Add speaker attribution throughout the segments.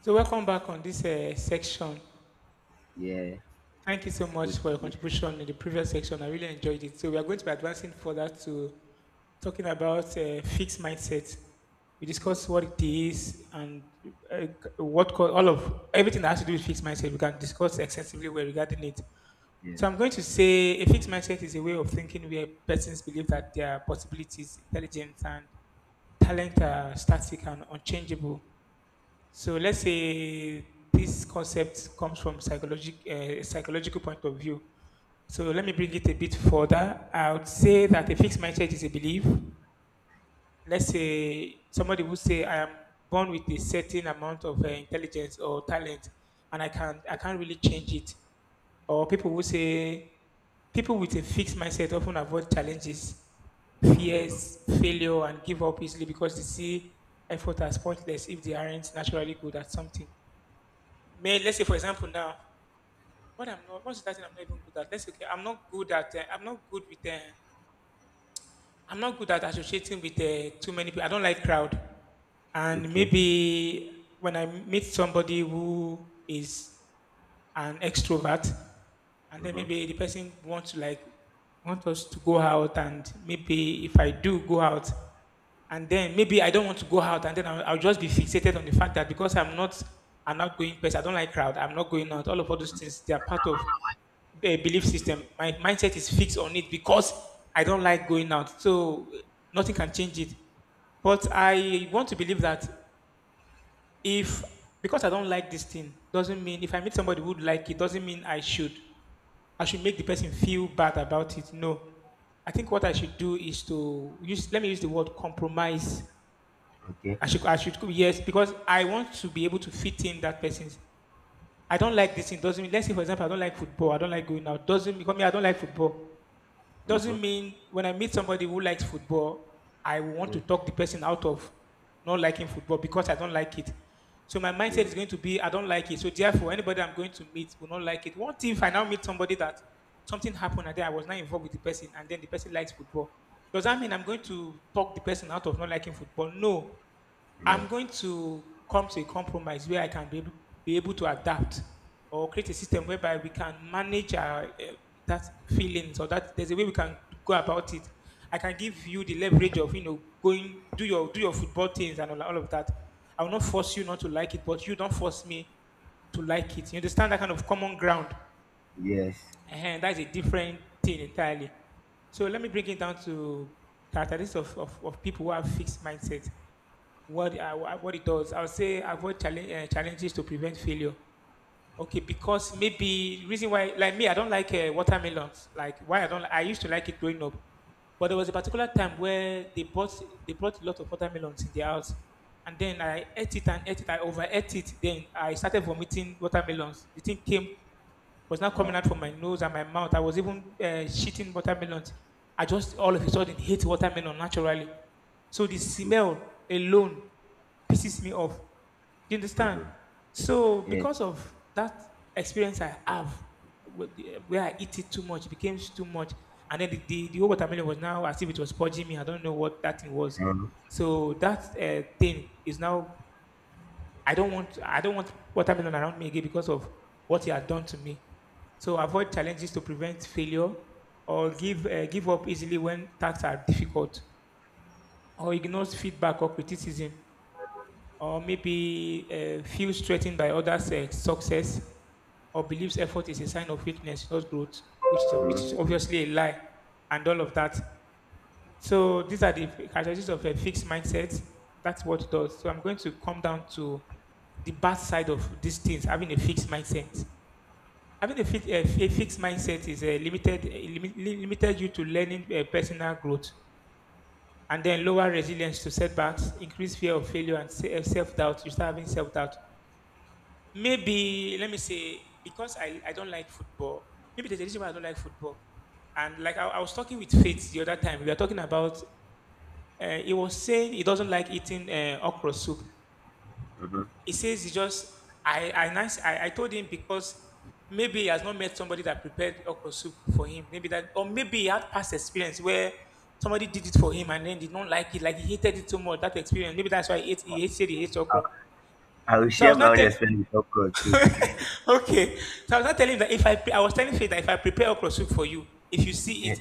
Speaker 1: So welcome back on this section.
Speaker 2: Yeah,
Speaker 1: Thank you so
Speaker 2: it's
Speaker 1: much
Speaker 2: good
Speaker 1: for
Speaker 2: to
Speaker 1: your
Speaker 2: be here.
Speaker 1: contribution in the previous section. I really enjoyed it. So we are going to be advancing further to talking about fixed mindset. We
Speaker 2: Mm,
Speaker 1: discussed what it is and uh, all of everything that has to do with fixed mindset. We can discuss extensively well regarding it. So
Speaker 2: yes.
Speaker 1: I'm going to say a fixed mindset is a way of thinking where persons believe that their possibilities, intelligence, and talent are static and unchangeable. So let's say this concept comes from psychological point of view. So let me bring it a bit further. I would say that a fixed mindset is a belief. Let's say somebody would say I am born with a certain amount of intelligence or talent, and I can't really change it. Or people would say people with a fixed mindset often avoid challenges,
Speaker 2: Mm-hmm.
Speaker 1: fears, failure, and give up easily because they see effort as pointless if they aren't naturally good at something. May Let's say for example now, what's that thing I'm not even good at? Let's say okay, I'm not good at associating with too many people. I don't like crowd. And
Speaker 2: Okay.
Speaker 1: maybe when I meet somebody who is an extrovert, and then
Speaker 2: Mm-hmm.
Speaker 1: maybe the person wants to want us to go out, and maybe if I do go out, and then maybe I don't want to go out, and then I'll just be fixated on the fact that because I'm not an outgoing person, I don't like crowd, I'm not going out. All of all those things they are part of the belief system. My mindset is fixed on it because I don't like going out, so nothing can change it. But I want to believe that if because I don't like this thing doesn't mean if I meet somebody who would like it doesn't mean I should. I should make the person feel bad about it. No, I think what I should do is to use. Let me use the word compromise.
Speaker 2: Okay.
Speaker 1: I should. I should. Yes, because I want to be able to fit in that person's. I don't like this thing. Doesn't mean. Let's say for example, I don't like football. I don't like going out. Doesn't because me. I don't like football
Speaker 2: Mm-hmm.
Speaker 1: doesn't mean when I meet somebody who likes football, I will want to talk the person out of not liking football because I don't like it. So my mindset is
Speaker 2: Mm-hmm.
Speaker 1: going to be I don't like it. So therefore, anybody I'm going to meet will not like it. What if I now meet somebody that something happened and then I was not involved with the person and then the person likes football? Does that mean I'm going to talk the person out of not liking football? No. I'm
Speaker 2: Yeah.
Speaker 1: going to come to a compromise where I can be able to adapt or create a system whereby we can manage our, that feelings, or that there's a way we can go about it. I can give you the leverage of, you know, going do your football things and all of that. I will not force you not to like it, but you don't force me to like it. You understand that kind of common ground,
Speaker 2: Yes.
Speaker 1: and that's a different thing entirely. So let me bring it down to characteristics of, of people who have fixed mindset. What what it does. I would say avoid challenges to prevent failure. Okay, because maybe reason why, like me, I don't like watermelons. Like why I don't, I used to like it growing up, but there was a particular time where they brought a lot of watermelons in their house, and then I ate it and ate it. I overate it. Then I started vomiting watermelons. The thing came was not coming
Speaker 2: Wow.
Speaker 1: out from my nose and my mouth. I was even shitting watermelons. I just all of a sudden hate watermelon naturally. So the smell alone pisses me off. You understand?
Speaker 2: Mm-hmm.
Speaker 1: So
Speaker 2: Yeah.
Speaker 1: because of that experience I have, where I eat it too much, it became too much, and then the whole watermelon was now as if it was purging me. I don't know what that thing was.
Speaker 2: Um,
Speaker 1: So that thing is now. I don't want what happened around me again because of what he had done to me. So avoid challenges to prevent failure, or give up easily when tasks are difficult, or ignores feedback or criticism, or maybe feels threatened by others' success, or believes effort is a sign of weakness, not growth, which is obviously a lie and all of that. So these are the characteristics of a fixed mindset. That's what it does. So I'm going to come down to the bad side of these things. Having a fixed mindset. Having a fixed mindset is a limited you to learning, personal growth, and then lower resilience to setbacks, increased fear of failure, and self doubt. You start having self doubt. Maybe let me say because I don't like football. Maybe there's a reason why I don't like football. And like I was talking with Faith the other time, we were talking about he was saying he doesn't like eating okra soup.
Speaker 2: Mm-hmm.
Speaker 1: He says he just I told him because maybe he has not met somebody that prepared okra soup for him. Maybe that, or maybe he had past experience where somebody did it for him and then did not like it, like he hated it so much that experience. Maybe that's why he hates okra.
Speaker 2: I will
Speaker 1: So I
Speaker 2: share
Speaker 1: was
Speaker 2: my
Speaker 1: not
Speaker 2: own
Speaker 1: telling.
Speaker 2: experience with popcorn too.
Speaker 1: Okay. So I was not telling you that if I pre- I was telling Faith that if I prepare okra soup for you, if you see
Speaker 2: Yeah.
Speaker 1: it,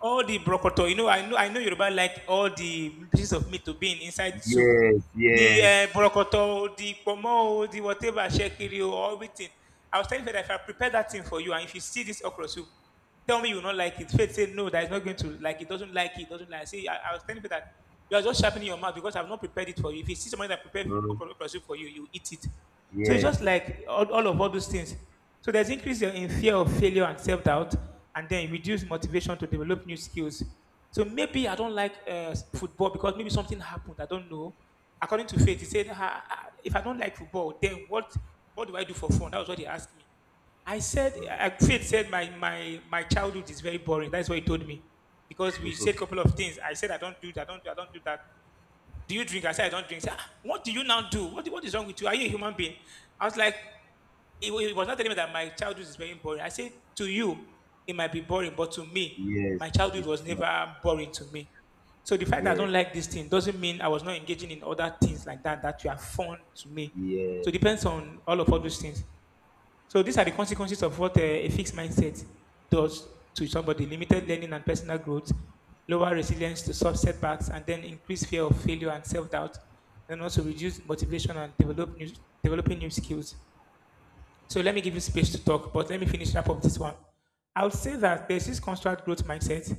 Speaker 1: all the brokoto, you know, I know Yoruba, like all the pieces of meat to be in inside the soup.
Speaker 2: Yes.
Speaker 1: The
Speaker 2: Yes.
Speaker 1: brokoto, the pomo, the whatever, shekiri, or everything. I was telling Faith that if I prepare that thing for you, and if you see this okra soup, tell me you will not like it. Faith said, "No, that is not going to like it. Doesn't like it. Doesn't like it." See, I was telling you that you are just sharpening your mouth because I've not prepared it for you. If you see somebody that prepared
Speaker 2: Mm,
Speaker 1: okorosu for you, you eat it. So it's
Speaker 2: yes.
Speaker 1: just like all of all those things. So there's increase in fear of failure and self doubt, and then reduce motivation to develop new skills. So maybe I don't like football because maybe something happened. I don't know. According to faith, he said, "Ah, ah, if I don't like football, then what? What do I do for fun?" That was what he asked me. I said, I Faith said my childhood is very boring. That's what he told me. Because we said a
Speaker 2: Mm.
Speaker 1: couple of things. I said, I don't do that. Do you drink? I said, I don't drink. He said, "Ah, what do you now do? What is wrong with you? Are you a human being?" I was like, was not telling me that my childhood is very boring. I said, to you, it might be boring, but to me,
Speaker 2: Yes.
Speaker 1: my childhood was
Speaker 2: It's not.
Speaker 1: never boring to me. So the fact that I
Speaker 2: Yes.
Speaker 1: don't like this thing doesn't mean I was not engaging in other things like that that were fun to me.
Speaker 2: Yes.
Speaker 1: So it depends on all those things. So these are the consequences of what a fixed mindset does to somebody: limited learning and personal growth, lower resilience to soft setbacks, and then increased fear of failure and self doubt, and also reduced motivation and developing new skills. So let me give you space to talk, but let me finish up of this one. I would say that there's this construct growth mindset.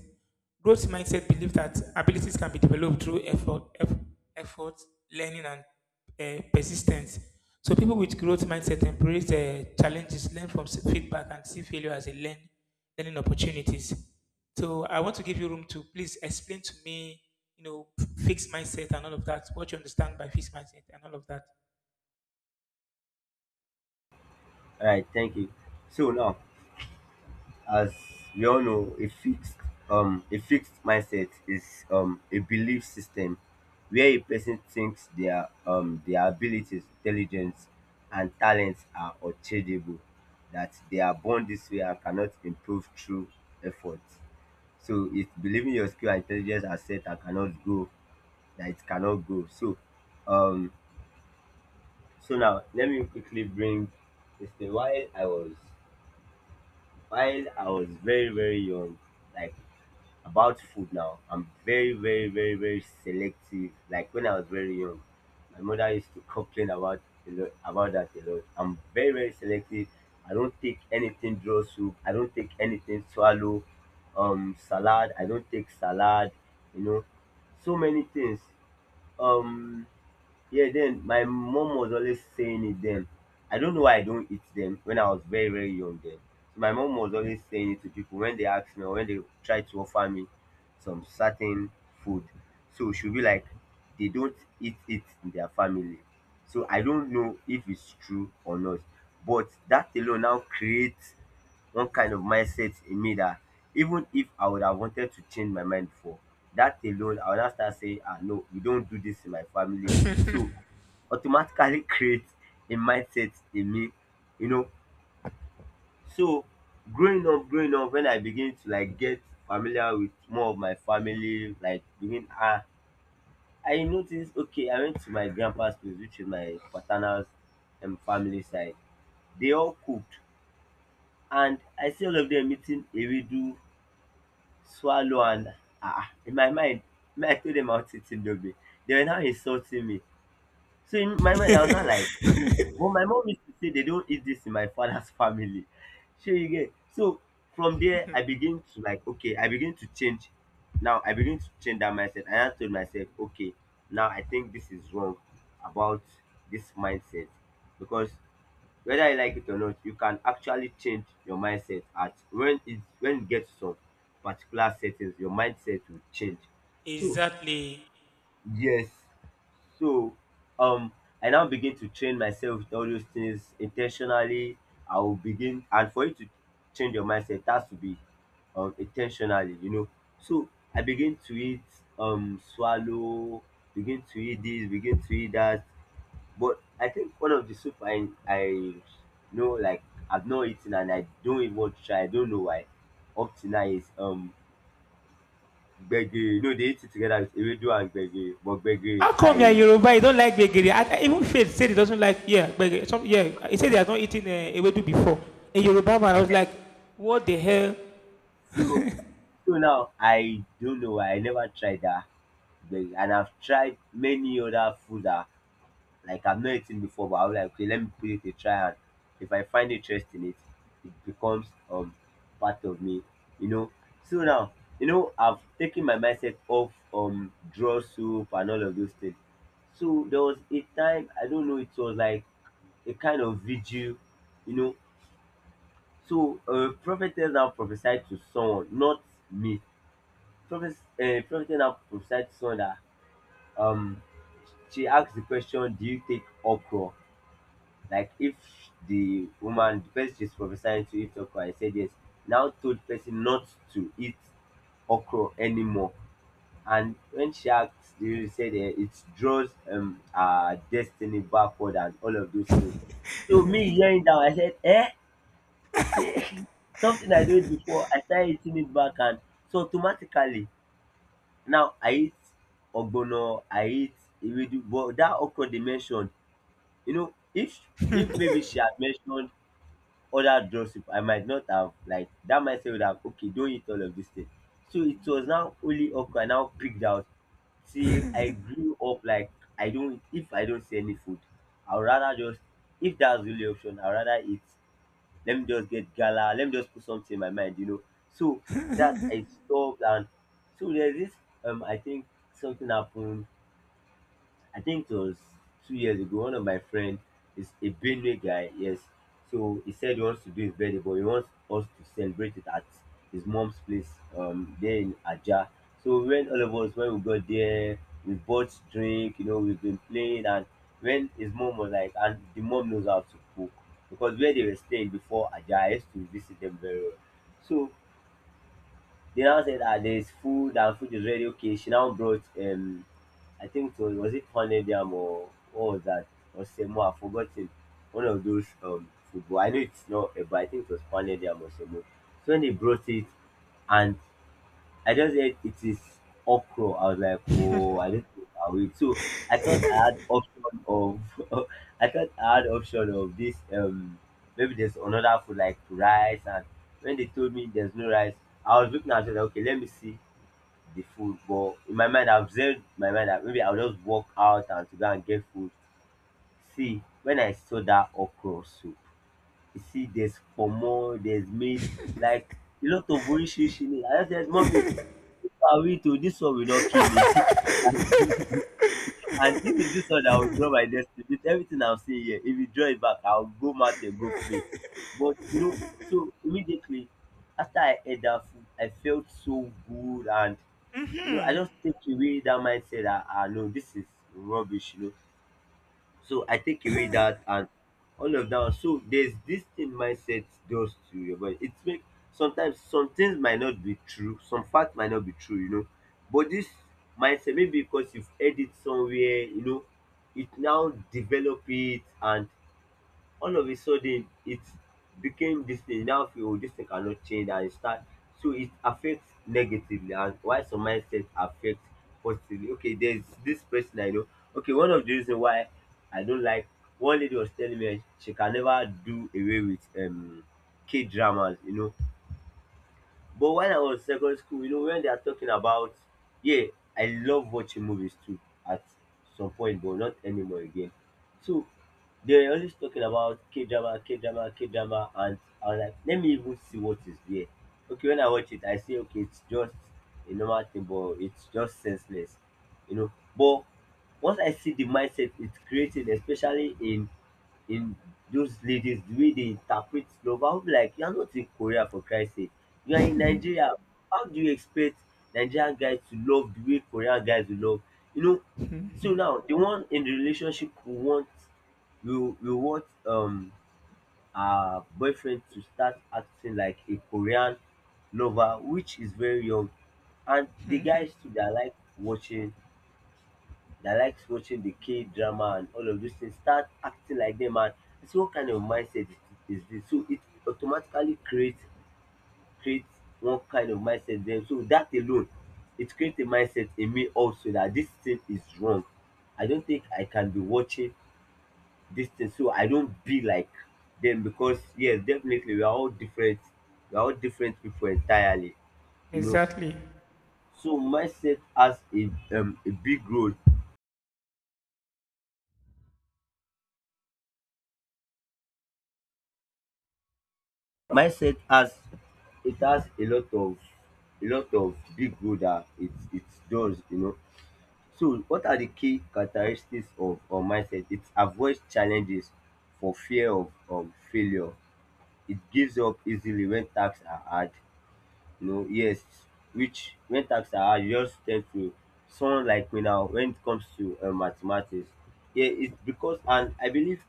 Speaker 1: Growth mindset believe that abilities can be developed through effort, learning, and persistence. So people with growth mindset embrace challenges, learn from feedback, and see failure as learning opportunities. So I want to give you room to please explain to me, you know, fixed mindset and all of that. What you understand by fixed mindset and all of
Speaker 2: All right. Thank you. So now, as we all know, a fixed mindset is a belief system where a person thinks their abilities, intelligence, and talents are unchangeable, that they are born this way and cannot improve through effort. So it's believing your skill and intelligence are set and cannot grow, that it cannot grow. Um so now let me quickly bring this thing. While I was very, very young, like about food, now I'm very, very, very, very selective. Like when I was very young, my mother used to complain about, a lot, about that a lot. I'm very, very selective. I don't take anything draw soup, I don't take anything swallow, salad, I don't take salad, you know, so many things. Um yeah, then my mom was always saying it then. I don't know why I don't eat them when I was very, very young then. So my mom was always saying it to people when they ask me or when they try to offer me some certain food. So she'll be like, they don't eat it in their family. So I don't know if it's true or not. But that alone now creates one kind of mindset in me that, even if I would have wanted to change my mind before, that alone I would now start saying, ah, no, we don't do this in my family.
Speaker 1: that.
Speaker 2: So automatically create a mindset in me, you know. So growing up, when I begin to like get familiar with more of my family, like I noticed, okay, I went to my grandpa's place, which is my paternal's family side. They all cooked, and I see all of them eating ewedu swallow, and in my mind, me, I told them I was eating dobe. They were now insulting me, so in my mind I was not like, but my mom used to say they don't eat this in my father's family. So you get. So from there I begin to like, okay, I begin to change. Now I begin to change that mindset. And I told myself, okay, now I think this is wrong about this mindset, because whether you like it or not, you can actually change your mindset. At when it when it gets to some particular settings, your mindset will change. So
Speaker 1: Exactly.
Speaker 2: yes, so um I now begin to train myself with all those things intentionally. I will begin, and for you to change your mindset, it has to be intentionally, you know. So I begin to eat swallow, begin to eat this, begin to eat that. But I think one of the soup I know, like, I've not eaten and I don't even want to try. I don't know why. Up to now is gbegiri. No, they eat it together with ewedu and gbegiri. But gbegiri,
Speaker 1: How come you're
Speaker 2: I
Speaker 1: Yoruba? You don't like gbegiri? I even Faith said he doesn't like, yeah, gbegiri. Some, yeah, he said he has not eaten ewedu before. A Yoruba man, I was like, what the hell?
Speaker 2: so so now I don't know why I never tried that. Gbegiri. And I've tried many other food that, like, I've not eaten before, but I am like, okay, let me put it a try. And if I find interest in it, it becomes part of me, you know. So now, I've taken my mindset off draw soup and all of those things. So there was a time, I don't know, it was like a kind of vigil, you know. So prophetess now prophesied to someone, not me. Prophet, prophetess now prophesied to someone that, um she asked the question, "Do you take okra?" Like if the woman the person she's prophesying to eat okra. I said yes. Now told the person not to eat okra anymore. And when she asked, the said, it draws her destiny backward and all of those things. So me hearing that, I said, see. Something I did before, I started eating it back. And so automatically, now I eat ogbono, I eat ewedu, but that okra they mentioned, you know, if maybe she had mentioned other draw soup, I might not have, like, that mindset would have, okay, don't eat all of this thing. So it was now only okra I now picked out. Till I grew up, like, I don't, if I don't see any food, I would rather just, if that's the only option, I'd rather eat. Let me just get gala, let me just put something in my mind. So that I stopped. And so there's this, I think something happened, I think it was 2 years ago, one of my friend is a Benue guy, yes. So he said he wants to do his birthday, but he wants us to celebrate it at his mom's place, there in Aja. So when all of us, when we got there, we bought drink, we've been playing, and when his mom was like, and the mom knows how to cook, because where they were staying before Aja, I used to visit them very well. So they now said that there's food and food is ready. Okay, she now brought, I think it was it honeydeam or what was that, or semo, I've forgotten. One of those, food I know. It's not but I think it was honeydeam or semo. So when they brought it, and I just said it is okra. I was like, oh, I do not know how it. So I thought I had option of, I thought I had option of this. Maybe there's another food like rice. And when they told me there's no rice, I was looking at it like, okay, let me see the food. But in my mind, I've said my mind that maybe I'll just walk out and to go and get food. See, when I saw that okra soup, you see, there's pomo, there's meat, like a lot of orishishi in it. I just said, mommy, are we, to this one will not kill me? and and if it's this one, I will draw my destiny. With everything I've seen here, if you draw it back, I'll go mad and go play. But you know, so immediately after I ate that food, I felt so good, and I
Speaker 1: Mm-hmm.
Speaker 2: just take away that mindset that, ah, no, this is rubbish. So I take away that and all of that. So there's this thing mindset does to your body. It's make, sometimes some things might not be true, some facts might not be true, you know. But this mindset, maybe because you've heard it somewhere, it now develop it, and all of a sudden it became this thing. You now feel, oh, this thing cannot change, and you start. So it affects negatively, and why some mindset affect positively. Okay, there's this person I know. Okay, one of the reason why I don't like, one lady was telling me she can never do away with K dramas. But when I was secondary school, when they are talking about, yeah, I love watching movies too at some point, but not anymore again. So they're always talking about K drama, K drama, K drama, and I'm like, let me even see what is there. Okay, when I watch it, I say, okay, it's just a normal thing, but it's just senseless. But once I see the mindset it's creating, especially in those ladies the way they interpret love, I will be like, you are not in Korea for Christ's sake. You are in Nigeria. How do you expect Nigerian guys to love the way Korean guys will love? You know, so now the one in the relationship we want our boyfriend to start acting like a Korean lover, which is very young. And the guys too, they are like watching that, likes watching the K drama and all of those things, start acting like them. And I say, what kind of mindset is this? So it automatically creates one kind of mindset then, so that alone, it creates a mindset in me also that this thing is wrong. I don't think I can be watching this thing so I don't be like them, because yes, definitely we are all different, people entirely, you know.
Speaker 1: Exactly.
Speaker 2: So mindset has a big role. Mindset has a lot of, big role that it does, you know. So what are the key characteristics of mindset? It avoids challenges for fear of failure. It gives up easily when tasks are hard, you know. Yes, which, when tasks are hard you just tend to, someone like me now when it comes to mathematics. Yeah, it's because, and I believe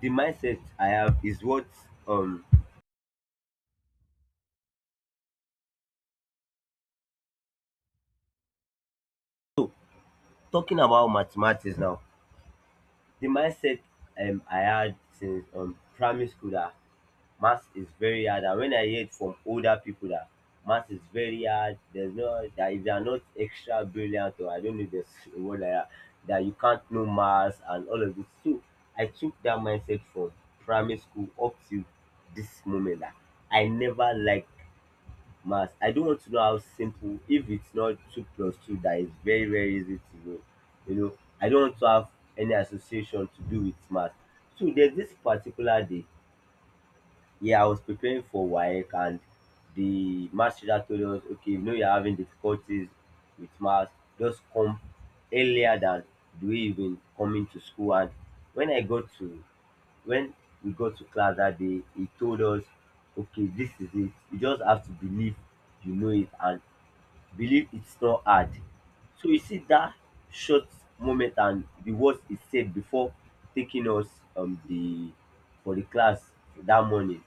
Speaker 2: the mindset I have is what, um so, talking about mathematics now, the mindset I had since primary school that maths is very hard. And when I hear from older people that maths is very hard, there's no, that if you are not extra brilliant, or I don't know this word like that, that you can't know maths and all of this. So I took that mindset from primary school up to this moment, that I never liked math. I do not want to know how simple, if it's not two plus two that is very very easy to know, you know. I don't want to have any association to do with math. So there's this particular day, yeah, I was preparing for WAEC, and the math teacher told us, okay, you know you're having difficulties with math, just come earlier than do way you coming to school. And when i got to when we got to class that day, he told us, okay, this is it, you just have to believe, you know it, and believe it's not hard. So you see that short moment and the words he said before taking us, the for the class that morning,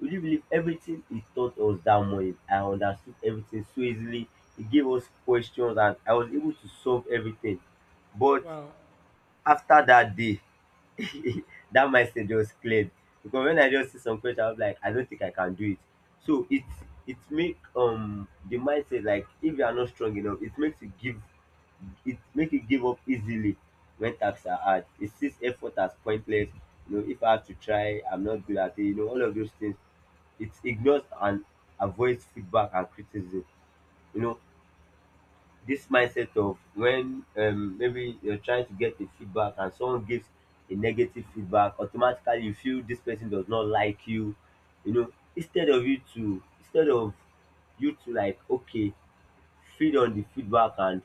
Speaker 2: would you believe, everything he taught us that morning I understood everything so easily. He gave us questions and I was able to solve everything. But
Speaker 1: Wow.
Speaker 2: after that day that mindset just cleared, because when I just see some question, I was like, I don't think I can do it. So it make the mindset, like if you are not strong enough, it makes you give, it make you give up easily when tasks are hard. It sees effort as pointless. You know, if I have to try, I'm not good at it. You know, all of those things. It ignores and avoids feedback and criticism. You know, this mindset of when maybe you're trying to get a feedback and someone gives a negative feedback, automatically you feel this person does not like you. You know, instead of you to, like, okay, feed on the feedback, and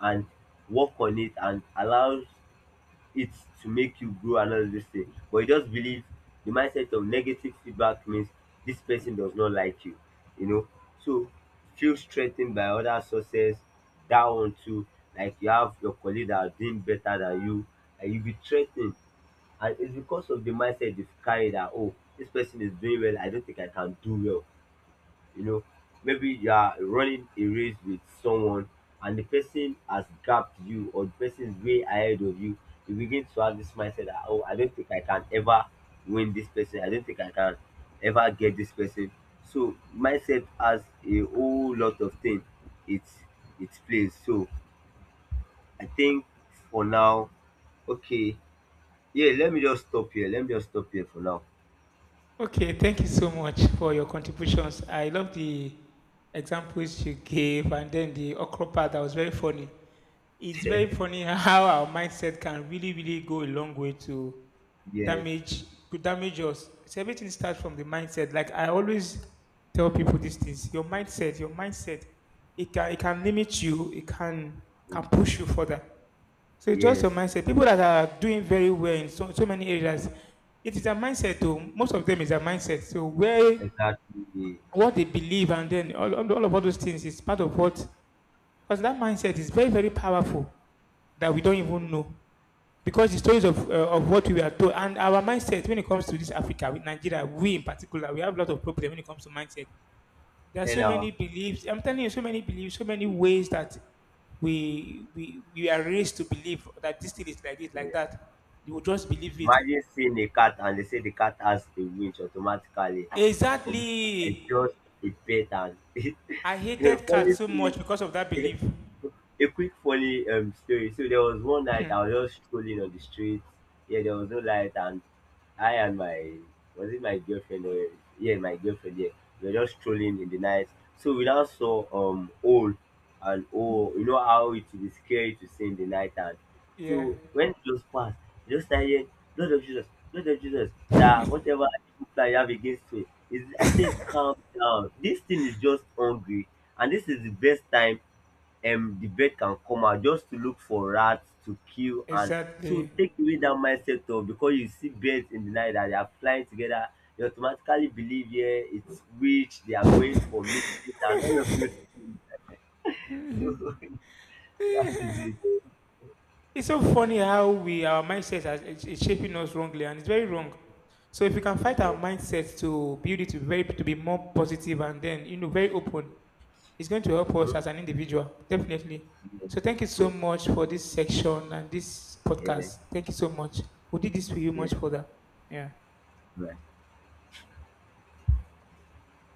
Speaker 2: and work on it and allow it to make you grow and all this thing. But you just believe the mindset of negative feedback means this person does not like you know. So feel strengthened by other sources. That one too, like you have your colleague that are doing better than you, and you be threatened. And it's because of the mindset you've carried that, oh, this person is doing well, I don't think I can do well, you know. Maybe you are running a race with someone and the person has gapped you, or the person is way ahead of you, you begin to have this mindset that, oh, I don't think I can ever win this person, I don't think I can ever get this person. So mindset has a whole lot of things, it it plays. So I think for now, okay, yeah, let me just stop here, let me just stop here for now.
Speaker 1: Okay, thank you so much for your contributions. I love the examples you gave and then the okra part that was very funny. It's very funny how our mindset can really, really go a long way to
Speaker 2: Yes.
Speaker 1: damage could damage us. So everything starts from the mindset. Like I always tell people these things. Your mindset, it can limit you, it can push you further. So it's just your
Speaker 2: Yes.
Speaker 1: mindset. People that are doing very well in so many areas, it is a mindset too. Most of them is a mindset. So where
Speaker 2: Exactly.
Speaker 1: what they believe and then all of all those things is part of what, because that mindset is very, very powerful that we don't even know, because the stories of what we are told and our mindset when it comes to this Africa, with Nigeria, we in particular, we have a lot of problem when it comes to mindset. There are
Speaker 2: And
Speaker 1: so many
Speaker 2: now.
Speaker 1: beliefs. I'm telling you, so many beliefs, so many ways that we are raised to believe that this thing is like this, like
Speaker 2: Yeah.
Speaker 1: that. You will just believe it.
Speaker 2: Imagine seeing a cat and they say the cat has a winch automatically. Forget, it's just
Speaker 1: Exactly.
Speaker 2: a pet, and
Speaker 1: I hated
Speaker 2: funny
Speaker 1: cats so
Speaker 2: story.
Speaker 1: much because of that belief.
Speaker 2: A quick funny story. So there was one night I was just strolling on the street. Yeah, there was no light, and I and my was it my girlfriend or yeah, my girlfriend. Yeah, we were just strolling in the night. So we now saw owl, and oh, you know how it will be scary to see in the night. And
Speaker 1: Yeah,
Speaker 2: so when it just passed, we just started, Lord of Jesus, Lord of Jesus. That whatever evil plan you have against me is, I said calm down. This thing is just hungry, and this is the best time debate can come out just to look for rats to kill. And so
Speaker 1: exactly.
Speaker 2: take away that mindset of, because you see birds in the night that they are flying together, you automatically believe, yeah, it's witch, they are going for meeting and all of those things. So that is it.
Speaker 1: It's so funny how we our mindset is shaping us wrongly, and it's very wrong. So if we can fight our
Speaker 2: Yeah.
Speaker 1: mindset to build it to very to be more positive and then, you know, very open, it's going to help us
Speaker 2: Mm-hmm.
Speaker 1: as an individual definitely. So thank you so
Speaker 2: Yeah.
Speaker 1: much for this section and this
Speaker 2: Yeah, yeah.
Speaker 1: podcast. Thank you so much. We did this for you
Speaker 2: Yeah.
Speaker 1: much further. Yeah.
Speaker 2: Right.